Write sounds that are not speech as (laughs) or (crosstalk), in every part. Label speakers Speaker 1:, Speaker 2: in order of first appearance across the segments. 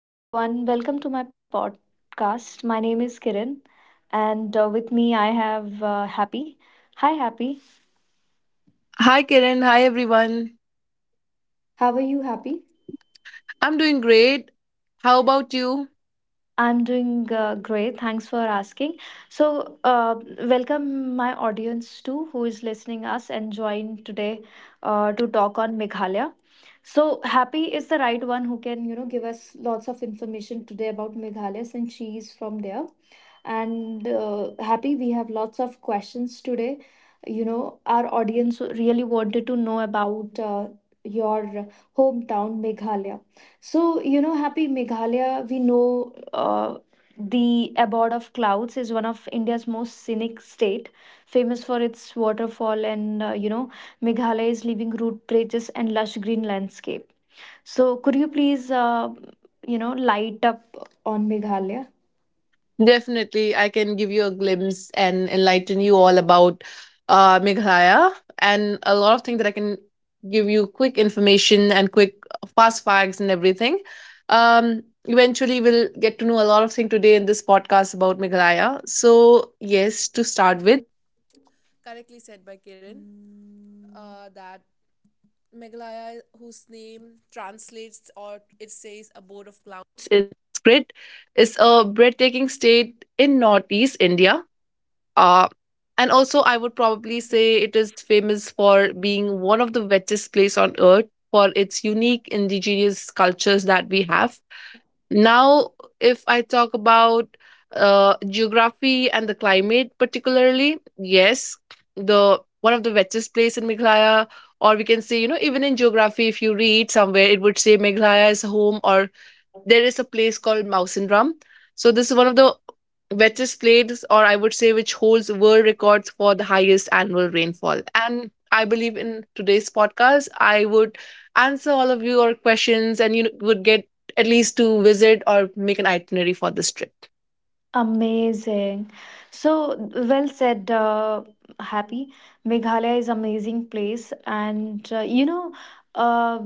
Speaker 1: Hi everyone, welcome to my podcast. My name is Kiran, and with me I have Happy. Hi Happy,
Speaker 2: Hi, Kiran. Hi, everyone.
Speaker 1: how are you Happy?
Speaker 2: I'm doing great. How about you?
Speaker 1: I'm doing great. Thanks for asking. So, uh, Welcome my audience too, who is listening us and join today to talk on Meghalaya. So Happy is the right one who can give us lots of information today about Meghalaya since she is from there. And Happy, we have lots of questions today. Our audience really wanted to know about your hometown, Meghalaya. So Happy, Meghalaya, we know the abode of clouds is one of India's most scenic state, famous for its waterfall and Meghalaya's living root bridges and lush green landscape. So, could you please light up on Meghalaya?
Speaker 2: Definitely, I can give you a glimpse and enlighten you all about Meghalaya and a lot of things that I can give you quick information and quick fast facts and everything. Eventually, we'll get to know a lot of things today in this podcast about Meghalaya. So, yes, to start in northeast India. Uh, and also, I would probably say it is famous for being one of the wettest place on earth for its unique indigenous cultures that we have. Now, if I talk about geography and the climate particularly, yes, the one of the wettest place in Meghalaya, or we can say, even in geography, if you read somewhere, it would say Meghalaya is home or there is a place called Mausanram. So this is one of the wettest places, or I would say, which holds world records for the highest annual rainfall. And I believe in today's podcast, I would answer all of your questions, and you would get at least to visit or make an itinerary for this trip.
Speaker 1: Amazing. So well said, Happy. Meghalaya is amazing place, and uh,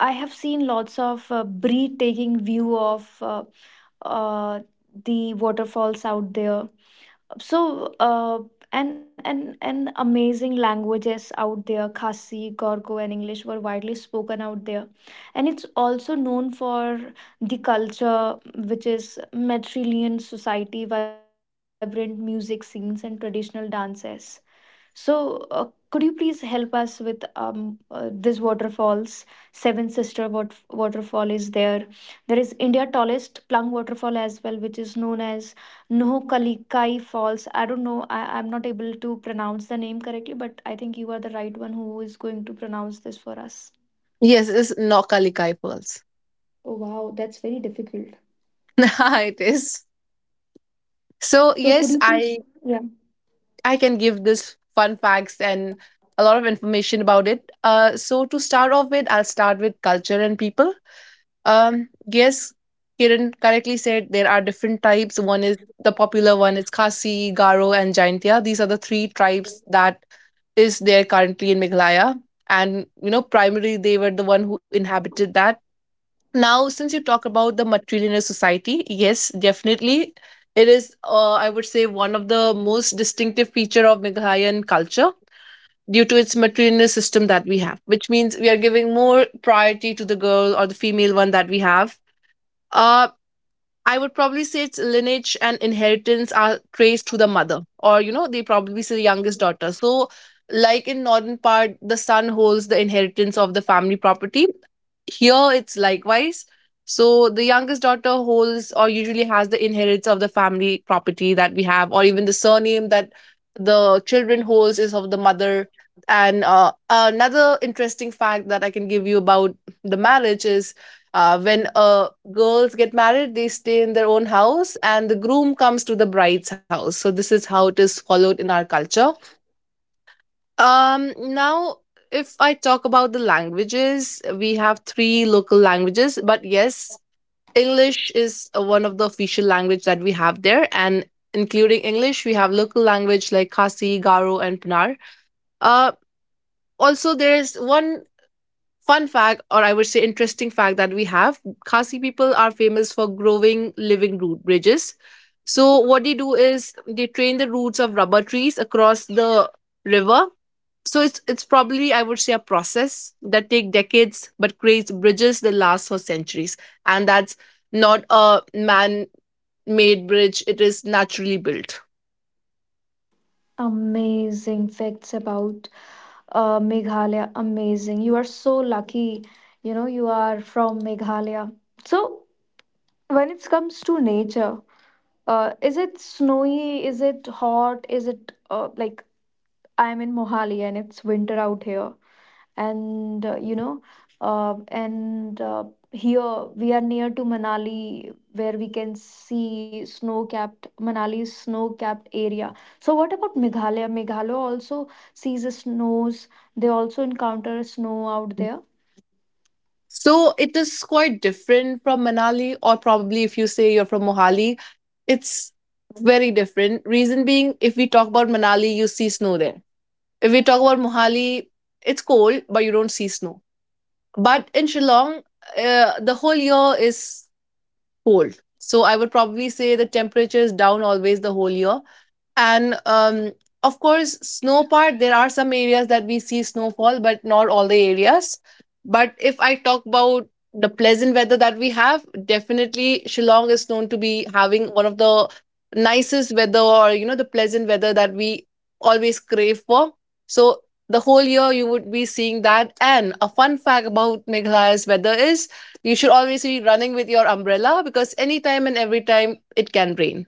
Speaker 1: I have seen lots of breathtaking view of uh, the waterfalls out there. So, and amazing languages out there. Khasi, Gorgo, and English were widely spoken out there, and it's also known for the culture, which is matrilineal society, vibrant music scenes, and traditional dances. So, uh, could you please help us with this waterfalls? Seven Sister waterfall is there. There is India tallest Plung waterfall as well, which is known as Nohkalikai Falls. I don't know. I'm not able to pronounce the name correctly, but I think you are the right one who is going to pronounce this for us.
Speaker 2: Yes, it's Naukalikai Pearls.
Speaker 1: Oh wow, that's very difficult.
Speaker 2: (laughs) It is.
Speaker 1: So
Speaker 2: So
Speaker 1: could you
Speaker 2: yes,
Speaker 1: please?
Speaker 2: I
Speaker 1: Yeah.
Speaker 2: I can give this fun facts and a lot of information about it. So to start off with, I'll start with culture and people. Yes, Kiran correctly said there are different types. One is the popular one is Khasi, Garo, and Jaintia. These are the three tribes that is there currently in Meghalaya. And primarily they were the one who inhabited that. Now, since you talk about the matrilineal society, yes, definitely. It is, I would say, one of the most distinctive feature of Meghalayan culture due to its matrilineal system that we have, which means we are giving more priority to the girl or the female one that we have uh, I would probably say its lineage and inheritance are traced to the mother, or they probably say the youngest daughter. So, like in northern part, the son holds the inheritance of the family property. Here, it's likewise. So, the youngest daughter holds or usually has the inheritance of the family property that we have, or even the surname that the children holds is of the mother. And another interesting fact that I can give you about the marriage is when girls get married, they stay in their own house, and the groom comes to the bride's house. So this is how it is followed in our culture. Now, if I talk about the languages, we have three local languages, but yes, English is one of the official language that we have there, and including English, we have local language like Khasi, Garo, and Punar. Uh, Also, there is one fun fact or I would say interesting fact that we have. Khasi people are famous for growing living root bridges. So what they do is they train the roots of rubber trees across the river. So it's probably, I would say, a process that take decades but creates bridges that last for centuries, and that's not a man made bridge. It is naturally built.
Speaker 1: Amazing facts about Meghalaya. Amazing. You are so lucky. You are from Meghalaya. So, when it comes to nature, is it snowy? Is it hot? Is it like I'm in Mohali and it's winter out here? And you know and here we are near to Manali where we can see snow capped Manali's snow capped area. So what about Meghalaya also sees the snows. They also encounter snow out
Speaker 2: Mm.
Speaker 1: there.
Speaker 2: So it is quite different from Manali, or probably if you say you're from Mohali, it's very different. Reason being, if we talk about Manali, you see snow there. If we talk about Mohali, it's cold, but you don't see snow. But in Shillong, the whole year is cold. So I would probably say the temperature is down always the whole year, and of course snow part, there are some areas that we see snowfall but not all the areas. But if I talk about the pleasant weather that we have, definitely Shillong is known to be having one of the nicest weather, or the pleasant weather that we always crave for. So the whole year you would be seeing that. And a fun fact about Meghalaya's weather is you should always be running with your umbrella, because anytime and every time it can rain.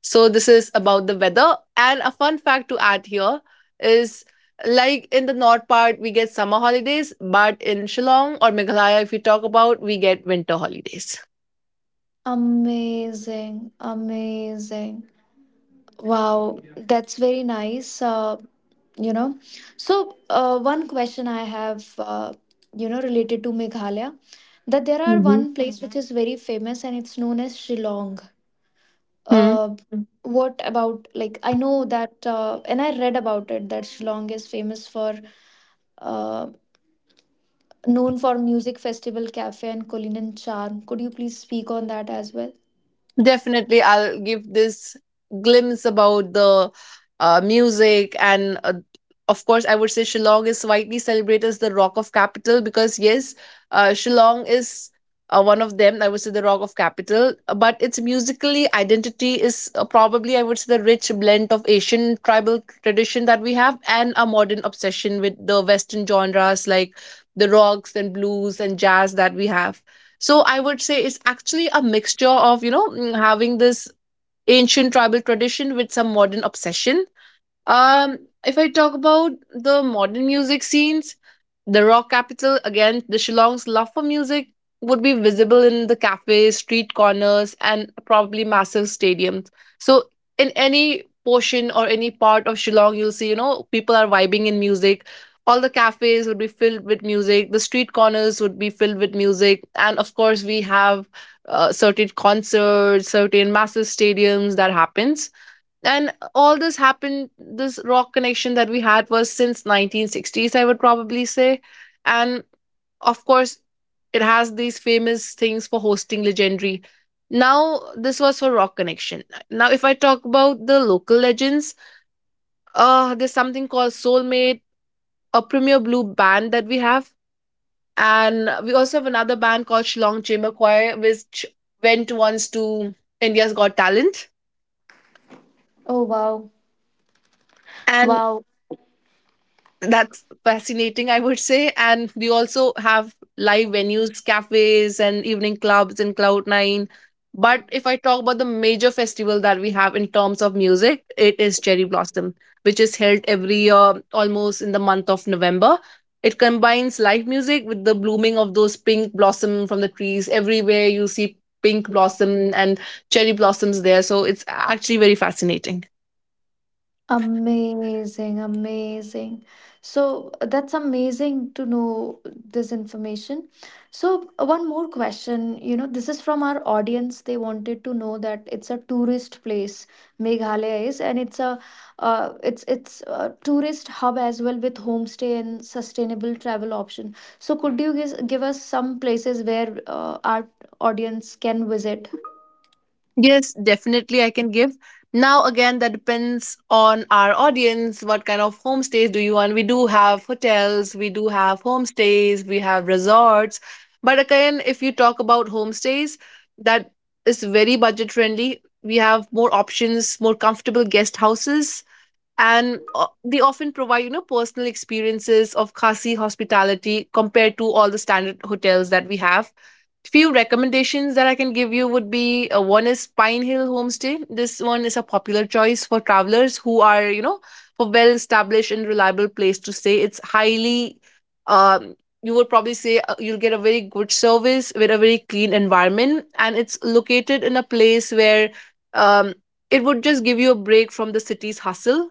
Speaker 2: So this is about the weather. And a fun fact to add here is, like in the north part we get summer holidays, but in Shillong or Meghalaya, if we talk about, we get winter holidays.
Speaker 1: Amazing, amazing. Wow. That's very nice. You know so, one question I have related to Meghalaya, that there are
Speaker 2: Hmm.
Speaker 1: one place which. Mhm. Is very famous and it's known as Shillong.
Speaker 2: Hmm.
Speaker 1: Uh, Mm. What about, like, I know that and I read about it that Shillong is famous for uh, known for music festival cafe and culinary charm. Could you please speak on that as well?
Speaker 2: Definitely, I'll give this glimpse about the music, and of course, I would say Shillong is widely celebrated as the Rock of Capital because yes, Shillong is one of them. I would say the Rock of Capital, but its musically identity is probably I would say the rich blend of Asian tribal tradition that we have and a modern obsession with the Western genres like the rocks and blues and jazz that we have. So I would say it's actually a mixture of, having this ancient tribal tradition with some modern obsession. um, if I talk about the modern music scenes, the rock capital, again, the Shillong's love for music would be visible in the cafes, street corners, and probably massive stadiums. So in any portion or any part of Shillong, you'll see, people are vibing in music. All the cafes would be filled with music. The street corners would be filled with music. And of course, we have certain concerts, certain massive stadiums that happens, and all this happened. This rock connection that we had was since 1960s, I would probably say. And of course, it has these famous things for hosting legendary. Now this was for rock connection. Now if I talk about the local legends, there's something called Soulmate, a premier blue band that we have. And we also have another band called Shillong Chamber Choir, which went once to India's Got Talent.
Speaker 1: Oh wow.
Speaker 2: And
Speaker 1: Wow.
Speaker 2: that's fascinating, I would say. And we also have live venues, cafes, and evening clubs in Cloud9. But if I talk about the major festival that we have in terms of music, it is Cherry Blossom, which is held every year almost in the month of November. It combines live music with the blooming of those pink blossom from the trees. Everywhere you see pink blossom and cherry blossoms there. So it's actually very fascinating.
Speaker 1: Amazing, amazing. So, that's amazing to know this information. One more question, this is from our audience. They wanted to know that it's a tourist place, Meghalaya is, and it's a it's it's a tourist hub as well with homestay and sustainable travel option. So, could you give us some places where our audience can visit?
Speaker 2: Yes, definitely I can give. Now, again, that depends on our audience. What kind of homestays do you want? We do have hotels, we do have homestays, we have resorts. But again, if you talk about homestays, that is very budget friendly. We have more options, more comfortable guest houses, and they often provide, personal experiences of Khasi hospitality compared to all the standard hotels that we have. Few recommendations that I can give you would be, one is Pine Hill Homestay. This one is a popular choice for travelers who are, for well established and reliable place to stay. It's highly, um, you would probably say, you'll get a very good service with a very clean environment, and it's located in a place where um, it would just give you a break from the city's hustle.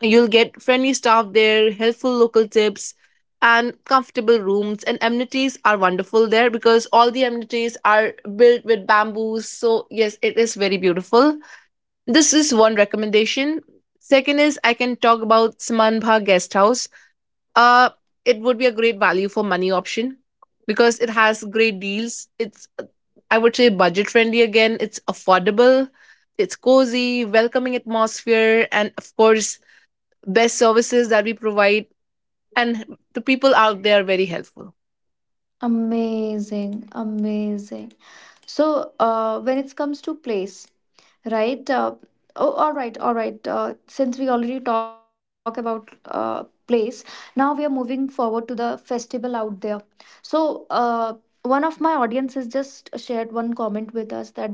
Speaker 2: You'll get friendly staff there, helpful local tips, and comfortable rooms. And amenities are wonderful there because all the amenities are built with bamboos. So, yes, it is very beautiful. This is one recommendation. Second is I can talk about Samanbha Guest House. Uh, it would be a great value for money option because it has great deals. It's, I would say, budget friendly again. It's affordable, it's cozy, welcoming atmosphere, and of course, best services that we provide, and the people out there are very helpful.
Speaker 1: Amazing, amazing. So, when it comes to place, right? Oh, all right, all right. Since we already talk about place, now we are moving forward to the festival out there. So, one of my audience has just shared one comment with us that they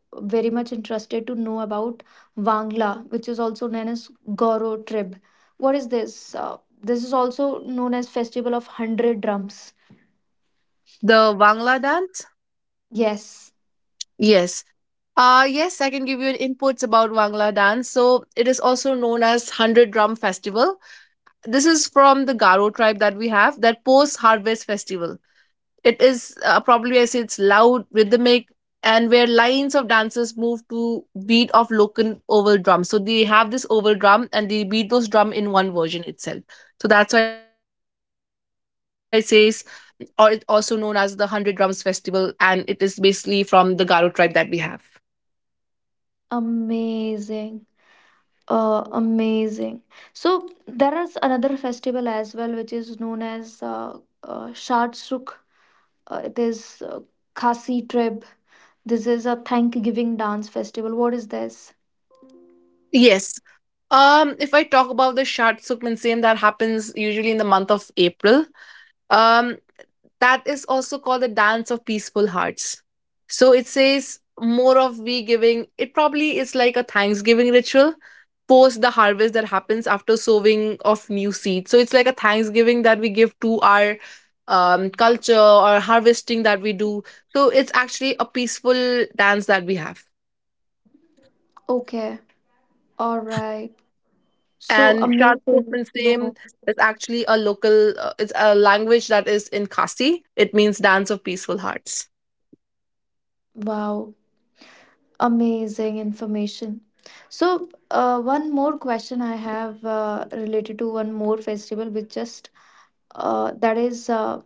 Speaker 1: very much interested to know about Wangla, which is also known as Goro tribe. What is this? This is also known as Festival of Hundred Drums.
Speaker 2: The wangla dance.
Speaker 1: Yes,
Speaker 2: Yes. Uh, I can give you an inputs about wangla dance. So it is also known as 100 drum festival. This is from the Garo tribe that we have, that post harvest festival. It is, probably I say, it's loud, rhythmic, and where lines of dancers move to beat of local oval drums. So they have this oval drum and they beat those drum in one version itself. So that's why it says, or it's also known as the Hundred Drums Festival, and it is basically from the Garo tribe that we have.
Speaker 1: amazing. Amazing. So there is another festival as well, which is known as Shad Sukh. It is Khasi tribe. This is a Thanksgiving dance festival. What is this?
Speaker 2: Yes. If I talk about the Shatsuk Minsen, that happens usually in the month of April. Um, that is also called the dance of peaceful hearts. So it says more of we giving, it probably is like a thanksgiving ritual post the harvest that happens after sowing of new seed. So it's like a thanksgiving that we give to our culture or harvesting that we do. So it's actually a peaceful dance that we have.
Speaker 1: Okay, all right. So
Speaker 2: And Shad
Speaker 1: amazing.
Speaker 2: Same
Speaker 1: No,
Speaker 2: is actually a local, it's a language that is in Kasi. It means dance of peaceful hearts.
Speaker 1: wow, amazing information. So, one more question I have related to one more festival, which just that is.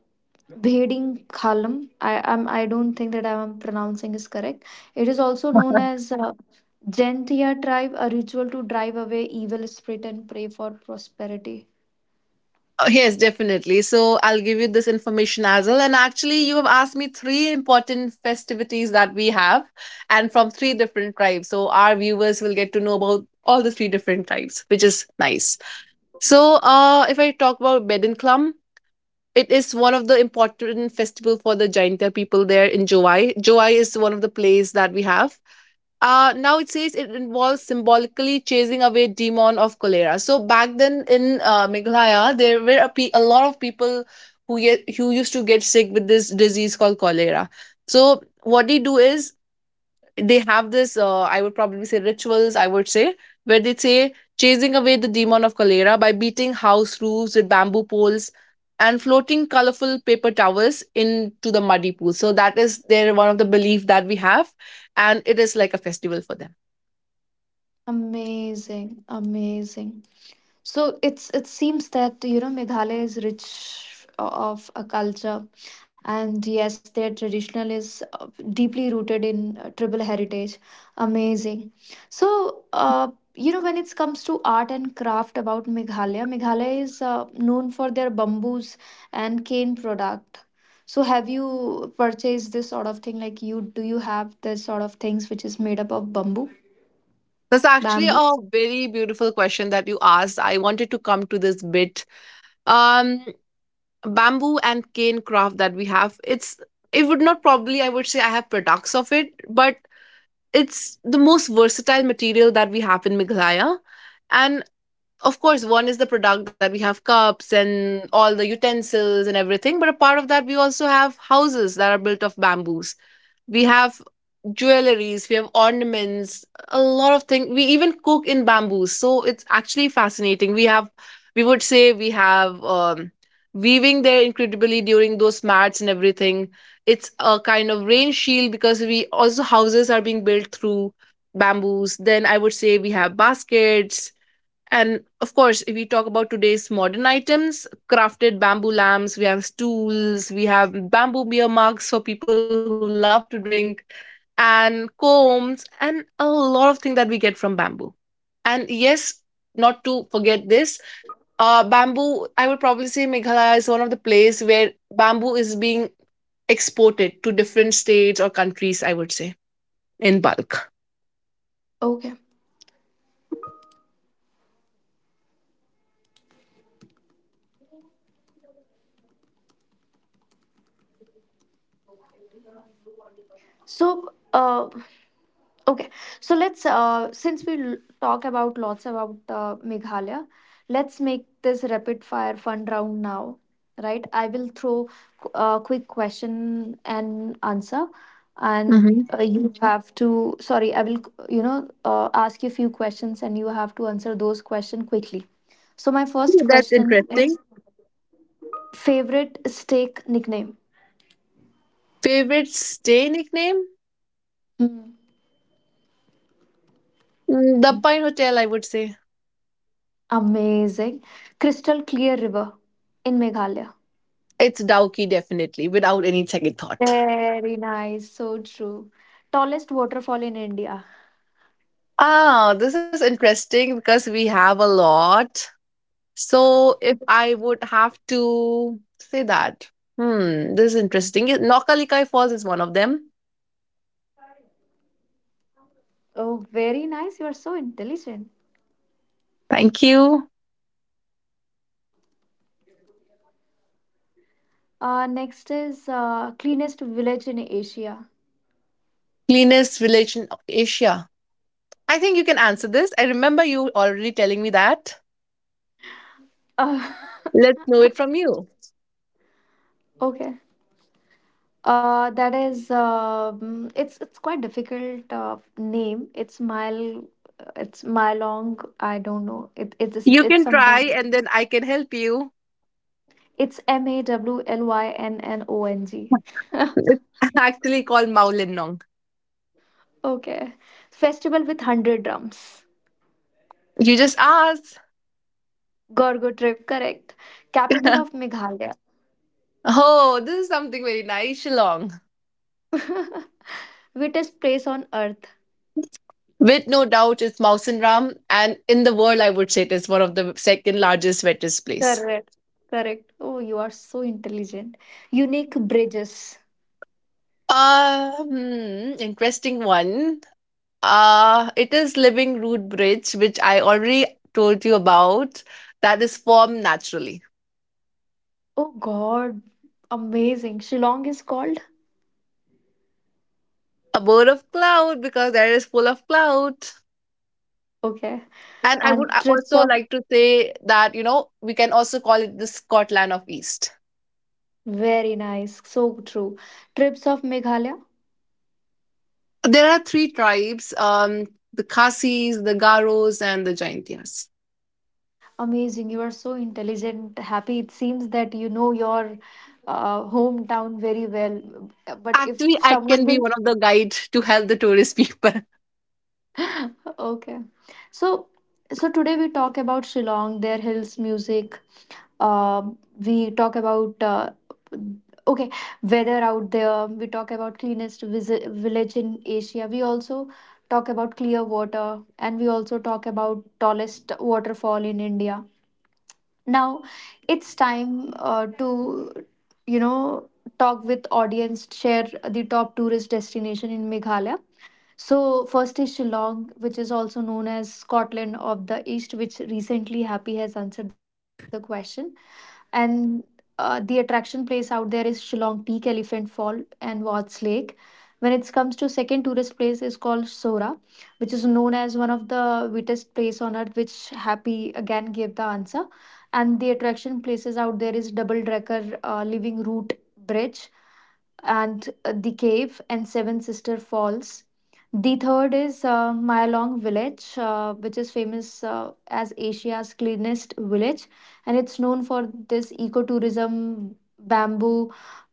Speaker 1: Bheding Khalam. I don't think that I am pronouncing is correct. It is also known as Jaintia tribe, a ritual to drive away evil spirit and pray for prosperity.
Speaker 2: Oh, yes, definitely. So I'll give you this information as well. And actually, you have asked me three important festivities that we have, and from three different tribes. So our viewers will get to know about all the three different tribes, which is nice. So, if I talk about Bedenklum, it is one of the important festival for the Jaintia people there in Joai. Joai is one of the place that we have. Now it says it involves symbolically chasing away demon of cholera. So back then in Meghalaya, there were a lot of people who used to get sick with this disease called cholera. So what they do is they have this. I would probably say rituals. I would say where they say chasing away the demon of cholera by beating house roofs with bamboo poles and floating colorful paper towels into the muddy pool. So that is their one of the belief that we have, and it is like a festival for them.
Speaker 1: Amazing, amazing. So it seems that Meghalaya is rich of a culture, and yes, their traditional is deeply rooted in tribal heritage. Amazing. So, when it comes to art and craft about Meghalaya, Meghalaya is known for their bamboos and cane product. So have you purchased this sort of thing? Like, you do you have this sort of things which is made up of bamboo?
Speaker 2: That's actually
Speaker 1: Bamboo.
Speaker 2: a very beautiful question that you asked. I wanted to come to this bit. Um, Bamboo and cane craft that we have, it's it would not probably I would say I have products of it, but it's the most versatile material that we have in Meghalaya. And of course, one is the product that we have cups and all the utensils and everything, but a part of that we also have houses that are built of bamboos, we have jewelries, we have ornaments, a lot of things, we even cook in bamboos. So it's actually fascinating, we have we would say we have weaving there incredibly during those mats and everything. It's a kind of rain shield because we also houses are being built through bamboos. Then I would say we have baskets, and of course, if we talk about today's modern items, crafted bamboo lamps, we have stools, we have bamboo beer mugs for people who love to drink, and combs, and a lot of things that we get from bamboo. And yes, not to forget this, bamboo, I would probably say Meghalaya is one of the place where bamboo is being exported to different states or countries, I would say, in bulk.
Speaker 1: Okay. So, uh, Okay, so let's since we talk about lots about Meghalaya, let's make this rapid fire fun round now, right? I will throw a quick question and answer, and
Speaker 2: Mm-hmm.
Speaker 1: you have to. Sorry, I will ask you a few questions, and you have to answer those questions quickly. So my first
Speaker 2: That's
Speaker 1: question
Speaker 2: interesting.
Speaker 1: is favorite steak nickname.
Speaker 2: Favorite stay nickname?
Speaker 1: Hmm.
Speaker 2: The Pine Hotel, I would say.
Speaker 1: Amazing, crystal clear river in Meghalaya.
Speaker 2: It's Dowkey, definitely, without any second thought.
Speaker 1: Very nice. So true. Tallest waterfall in India.
Speaker 2: Ah, this is interesting because we have a lot. So if I would have to say that, hmm, this is interesting. Yeah, Nokkalikai Falls is one of them.
Speaker 1: Oh, very nice. You are so intelligent.
Speaker 2: Thank you.
Speaker 1: Next is cleanest village in Asia.
Speaker 2: Cleanest village in Asia. I think you can answer this. I remember you already telling me that.
Speaker 1: Uh,
Speaker 2: Let's know it from you.
Speaker 1: (laughs) okay. That is it's quite difficult name. It's mile long. I don't know. It it is
Speaker 2: You
Speaker 1: it's
Speaker 2: can try
Speaker 1: something.
Speaker 2: and then I can help you.
Speaker 1: It's Mawlynnong.
Speaker 2: (laughs) It's actually called Maulinong.
Speaker 1: Okay. Festival with 100 drums.
Speaker 2: You just ask.
Speaker 1: Gorgo trip, correct. Capital of
Speaker 2: (laughs)
Speaker 1: Meghalaya.
Speaker 2: Oh, this is something very nice, Shillong.
Speaker 1: (laughs) Wettest place on earth.
Speaker 2: With no doubt, it's Mausan Ram, and in the world, I would say it is one of the second largest wettest place.
Speaker 1: Correct. Correct. Oh, you are so intelligent. Unique bridges.
Speaker 2: Interesting one. It is Living Root Bridge, which I already told you about, that is formed naturally.
Speaker 1: Oh God. Amazing. Shillong is called.
Speaker 2: A bird of cloud because there is full of cloud.
Speaker 1: Okay.
Speaker 2: And I would
Speaker 1: And trips
Speaker 2: also
Speaker 1: of
Speaker 2: like to say that, you know, we can also call it the Scotland of East.
Speaker 1: Very nice. So true. Trips of Meghalaya.
Speaker 2: There are three tribes, the Khasis, the Garos, and the Jaintias.
Speaker 1: Amazing. You are so intelligent. Happy. It seems that you know your hometown very well. But if
Speaker 2: Actually, I
Speaker 1: someone
Speaker 2: can be
Speaker 1: will
Speaker 2: one of the guide to help the tourist people. (laughs)
Speaker 1: (laughs) okay. So so today we talk about Shillong, their hills, music. uh, we talk about okay, weather out there. We talk about cleanest village in Asia. We also talk about clear water, and we also talk about tallest waterfall in India. Now it's time to you know talk with audience, share the top tourist destination in Meghalaya. So, first is Shillong, which is also known as Scotland of the East, which recently Happy has answered the question. And the attraction place out there is Shillong Peak, Elephant Fall, and Watts Lake. When it comes to second tourist place is called Sora, which is known as one of the wettest place on earth, which Happy again gave the answer. And the attraction places out there is Double Decker Living Root Bridge and the cave and Seven Sister Falls. The third is Myalong Village, which is famous as Asia's cleanest village, and it's known for this ecotourism, bamboo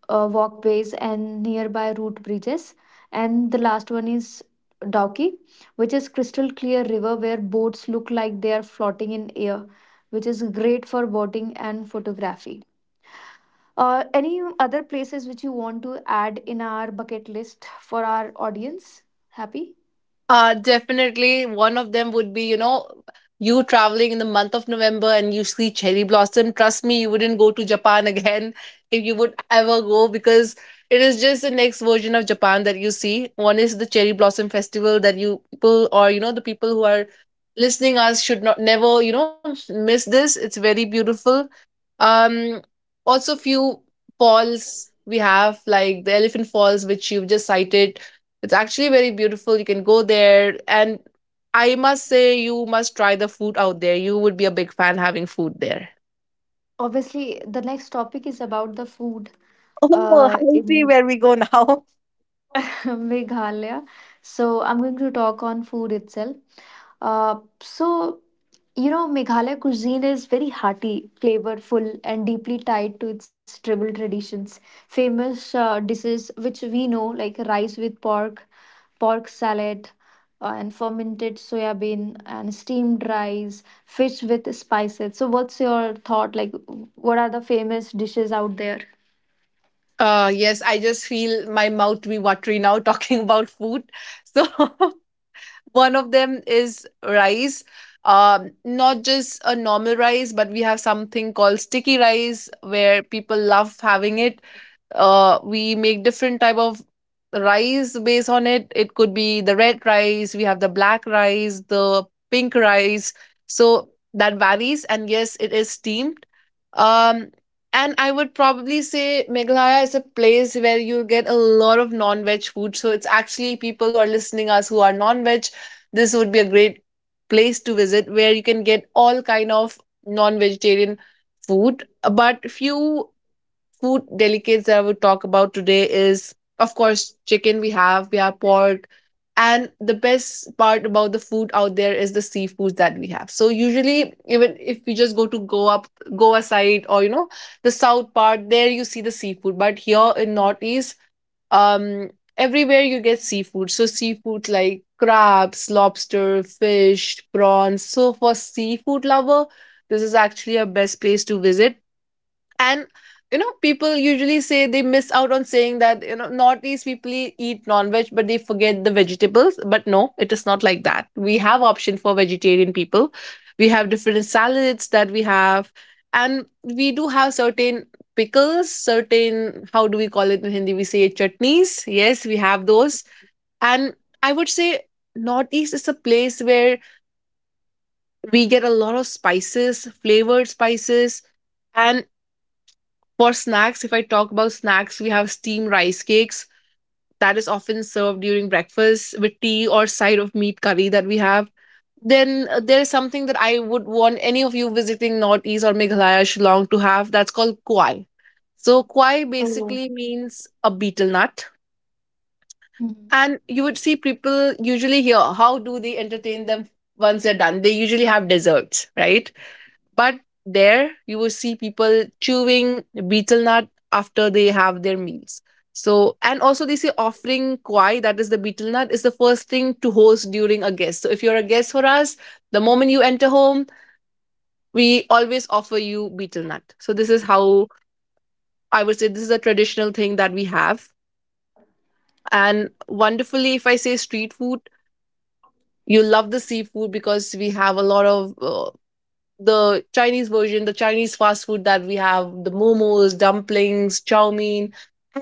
Speaker 1: walkways, and nearby root bridges. And the last one is Dauki, which is crystal clear river where boats look like they are floating in air, which is great for boating and photography. Any other places which you want to add in our bucket list for our audience? Happy?
Speaker 2: Definitely, one of them would be, you know, you traveling in the month of November and you see cherry blossom. Trust me, you wouldn't go to Japan (laughs) again if you would ever go because it is just the next version of Japan that you see. One is the cherry blossom festival that you people, or, you know, the people who are listening us should not never miss this, it's very beautiful. Um, Also, few falls we have like the Elephant Falls, which you've just cited. It's actually very beautiful. You can go there, and I must say you must try the food out there. You would be a big fan having food there.
Speaker 1: Obviously, the next topic is about the food.
Speaker 2: (laughs) Oh, I see
Speaker 1: In
Speaker 2: where we go now. (laughs)
Speaker 1: (laughs) Meghalaya. So I'm going to talk on food itself. Uh, so Meghalaya cuisine is very hearty, flavorful, and deeply tied to its tribal traditions. Famous dishes which we know, like rice with pork, pork salad, and fermented soya bean and steamed rice, fish with spices. So what's your thought? Like, what are the famous dishes out there?
Speaker 2: Yes, I just feel my mouth to be watery now (laughs) talking about food. So (laughs) one of them is rice. Not just a normal rice, but we have something called sticky rice where people love having it. We make different type of rice based on it. It could be the red rice, we have the black rice, the pink rice, so that varies, and yes it is steamed. um and I would probably say Meghalaya is a place where you get a lot of non-veg food. So it's actually people who are listening us who are non-veg, this would be a great place to visit where you can get all kind of non-vegetarian food. But few food delicates that I would talk about today is, of course, chicken we have pork. And the best part about the food out there is the seafoods that we have. So usually, even if we just go to go up Goa side, or you know the south part, there you see the seafood. But here in northeast, um, everywhere you get seafood. So seafood like crabs, lobster, fish, prawns. So for seafood lover, this is actually a best place to visit, and you know people usually say they miss out on saying that, you know, northeast people eat non-veg, but they forget the vegetables. But no, it is not like that, we have option for vegetarian people, we have different salads that we have. And we do have certain pickles, certain, how do we call it in hindi, we say chutneys, yes, we have those. And I would say northeast is a place where we get a lot of spices, flavored spices. And for snacks, if I talk about snacks, we have steamed rice cakes that is often served during breakfast with tea or side of meat curry that we have. Then there is something that I would want any of you visiting Northeast or Meghalaya, Shillong to have, that's called kwai. So kwai
Speaker 1: Oh.
Speaker 2: basically means a betel nut. And you would see people usually here, how do they entertain them once they're done? They usually have desserts, right? But there you will see people chewing betel nut after they have their meals. So, and also they say offering kwai, that is the betel nut, is the first thing to host during a guest. So, if you're a guest for us, the moment you enter home, we always offer you betel nut. So, this is how I would say this is a traditional thing that we have. And wonderfully, if I say street food, you love the seafood because we have a lot of the Chinese version, the Chinese fast food that we have, the momos, dumplings, chow mein,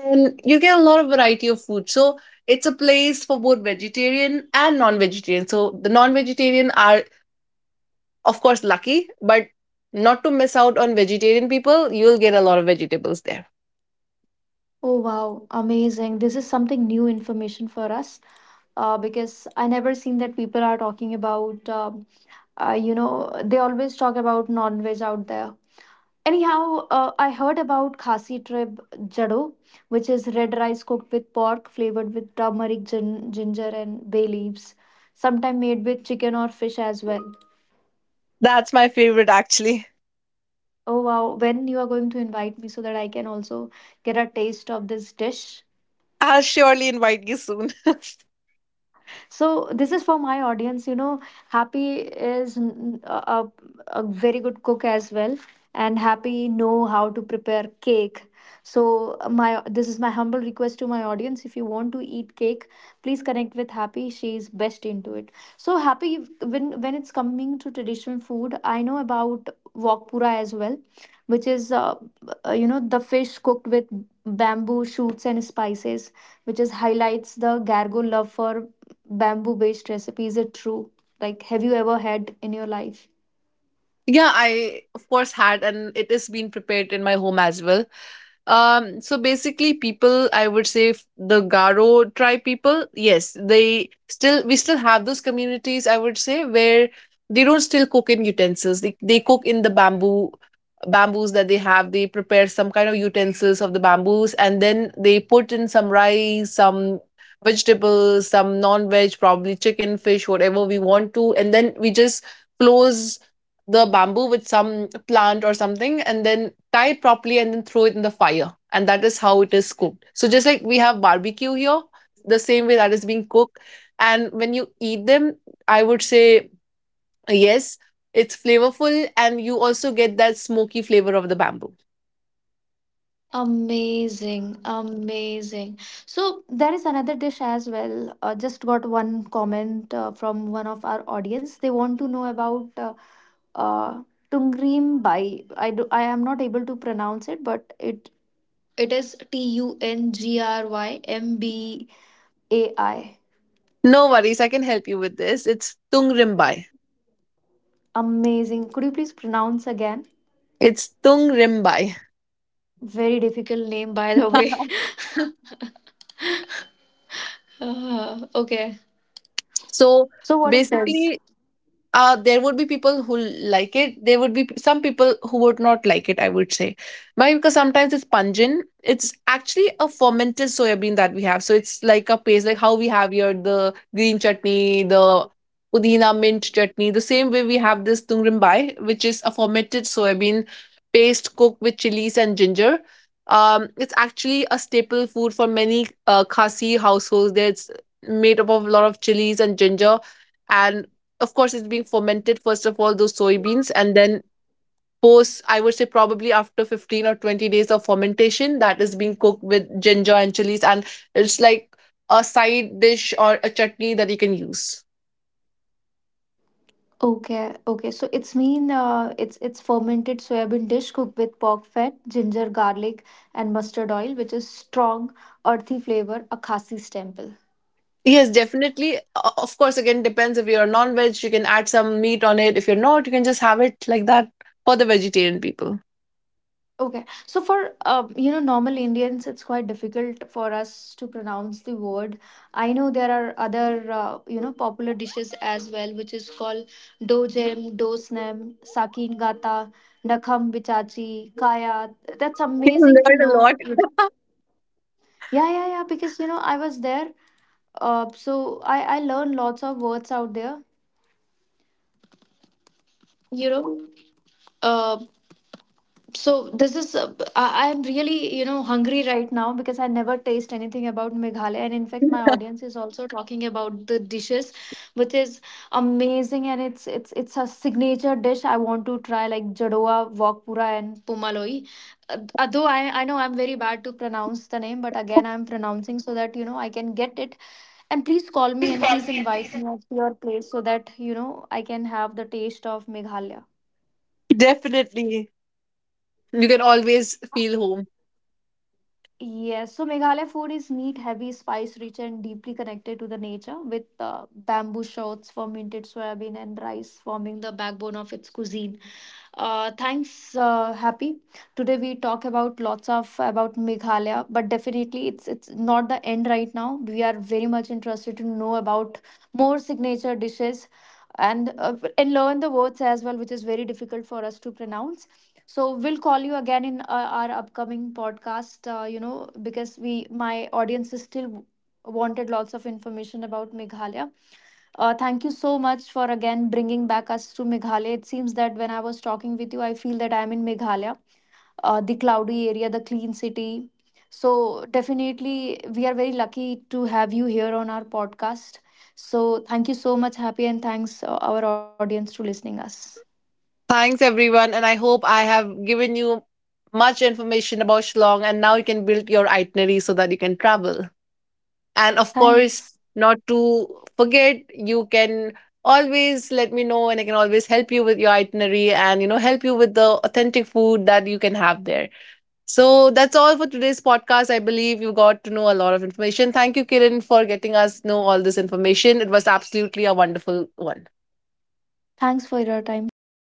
Speaker 2: and you get a lot of variety of food. So it's a place for both vegetarian and non-vegetarian. So the non-vegetarian are of course lucky, but not to miss out on vegetarian people, you'll get a lot of vegetables there.
Speaker 1: Oh wow, amazing. This is something new information for us because I never seen that people are talking aboutuh, you know, they always talk about non veg out there. Anyhow, I heard about Khasi tribe jado, which is red rice cooked with pork, flavored with turmeric, ginger, and bay leaves, sometimes made with chicken or fish as well.
Speaker 2: That's my favorite actually.
Speaker 1: Oh wow, when you are going to invite me so that I can also get a taste of this dish?
Speaker 2: I'll surely invite you soon. (laughs)
Speaker 1: So this is for my audience. Happy is a very good cook as well, and Happy know how to prepare cake. So my this is my humble request to my audience. If you want to eat cake, please connect with Happy. She is best into it. So Happy, when it's coming to traditional food, I know about wokpura as well, which is the fish cooked with bamboo shoots and spices, which is highlights the gargo love for bamboo based recipe. Is it true, like, have you ever had in your life?
Speaker 2: Yeah, I of course had, and it is being prepared in my home as well. So basically, people, I would say the Garo tribe people, yes, they still we still have those communities. I would say where they don't still cook in utensils. They cook in the bamboo bamboos that they have. They prepare some kind of utensils of the bamboos, and then they put in some rice, some vegetables, some non-veg, probably chicken, fish, whatever we want to, and then we just close the bamboo with some plant or something and then tie it properly and then throw it in the fire. And that is how it is cooked. So just like we have barbecue here, the same way that is being cooked. And when you eat them, I would say yes, it's flavorful and you also get that smoky flavor of the bamboo.
Speaker 1: Amazing, amazing. So there is another dish as well. Just got one comment from one of our audience. They want to know about uh, tungrim bai. I am not able to pronounce it, but it is T U N G r y m b a I.
Speaker 2: No worries, I can help you with this. It's tung rimbai.
Speaker 1: Amazing. Could you please pronounce again?
Speaker 2: It's tung rimbai. (laughs)
Speaker 1: Very difficult name, by the way. (laughs) Okay.
Speaker 2: So
Speaker 1: So what it does?
Speaker 2: basically, there would be people who like it. There would be some people who would not like it, I would say. Why? Because sometimes it's pungent. It's actually a fermented soya bean that we have. So it's like a paste, like how we have here the green chutney, the pudina mint chutney. The same way we have this tungrimbai, which is a fermented soya bean paste cooked with chilies and ginger. It's actually a staple food for many Khasi households. There it's made up of a lot of chilies and ginger, and of course it's being fermented first of all those soybeans, and then post I would say probably after 15 or 20 days of fermentation that is being cooked with ginger and chilies. And it's like a side dish or a chutney that you can use.
Speaker 1: Okay, okay. So it's mean it's fermented soybean dish cooked with pork fat, ginger, garlic, and mustard oil, which is strong, earthy flavor, a Khasi's temple.
Speaker 2: Yes, definitely. Of course, again depends, if you're a non-veg you can add some meat on it, if you're not you can just have it like that, for the vegetarian people.
Speaker 1: Okay, so for normal Indians, it's quite difficult for us to pronounce the word. I know there are other popular dishes as well, which is called dojem, dosnem, sakin gata, nakham bichachi, kaya. That's
Speaker 2: You
Speaker 1: amazing to
Speaker 2: learn a
Speaker 1: know.
Speaker 2: lot.
Speaker 1: Yeah, yeah, yeah. Because I was there, so I learned lots of words out there. You know, uh, so this is I am really hungry right now, because I never taste anything about Meghalaya, and in fact, my audience is also talking about the dishes, which is amazing, and it's a signature dish I want to try, like Jadoa, Wokpura, and Pumaloi. Uh, Although I know I'm very bad to pronounce the name, but again I'm pronouncing so that I can get it. And please call me and please invite me at your place so that, I can have the taste of Meghalaya.
Speaker 2: (laughs) Definitely, you can always feel home.
Speaker 1: Yes, so Meghalaya food is meat heavy, spice rich, and deeply connected to the nature, with bamboo shoots, fermented soybean, and rice forming the backbone of its cuisine. Thanks, Happy. Today we talk about lots of about Meghalaya, but definitely it's not the end right now. We are very much interested to know about more signature dishes, and learn the words as well, which is very difficult for us to pronounce. So we'll call you again in our upcoming podcast. Because we my audience is still wanted lots of information about Meghalaya. Thank you so much for again bringing back us to Meghalaya. It seems that when I was talking with you, I feel that I'm in Meghalaya, the cloudy area, the clean city. So definitely we are very lucky to have you here on our podcast. So thank you so much, Happy, and thanks our audience to listening us.
Speaker 2: Thanks, everyone. And I hope I have given you much information about Shillong. And now you can build your itinerary so that you can travel. And of course,
Speaker 1: thanks
Speaker 2: not to forget, you can always let me know and I can always help you with your itinerary, and, you know, help you with the authentic food that you can have there. So that's all for today's podcast. I believe you got to know a lot of information. Thank you, Kiran, for getting us know all this information. It was absolutely a wonderful one.
Speaker 1: Thanks for your time. Bye bye.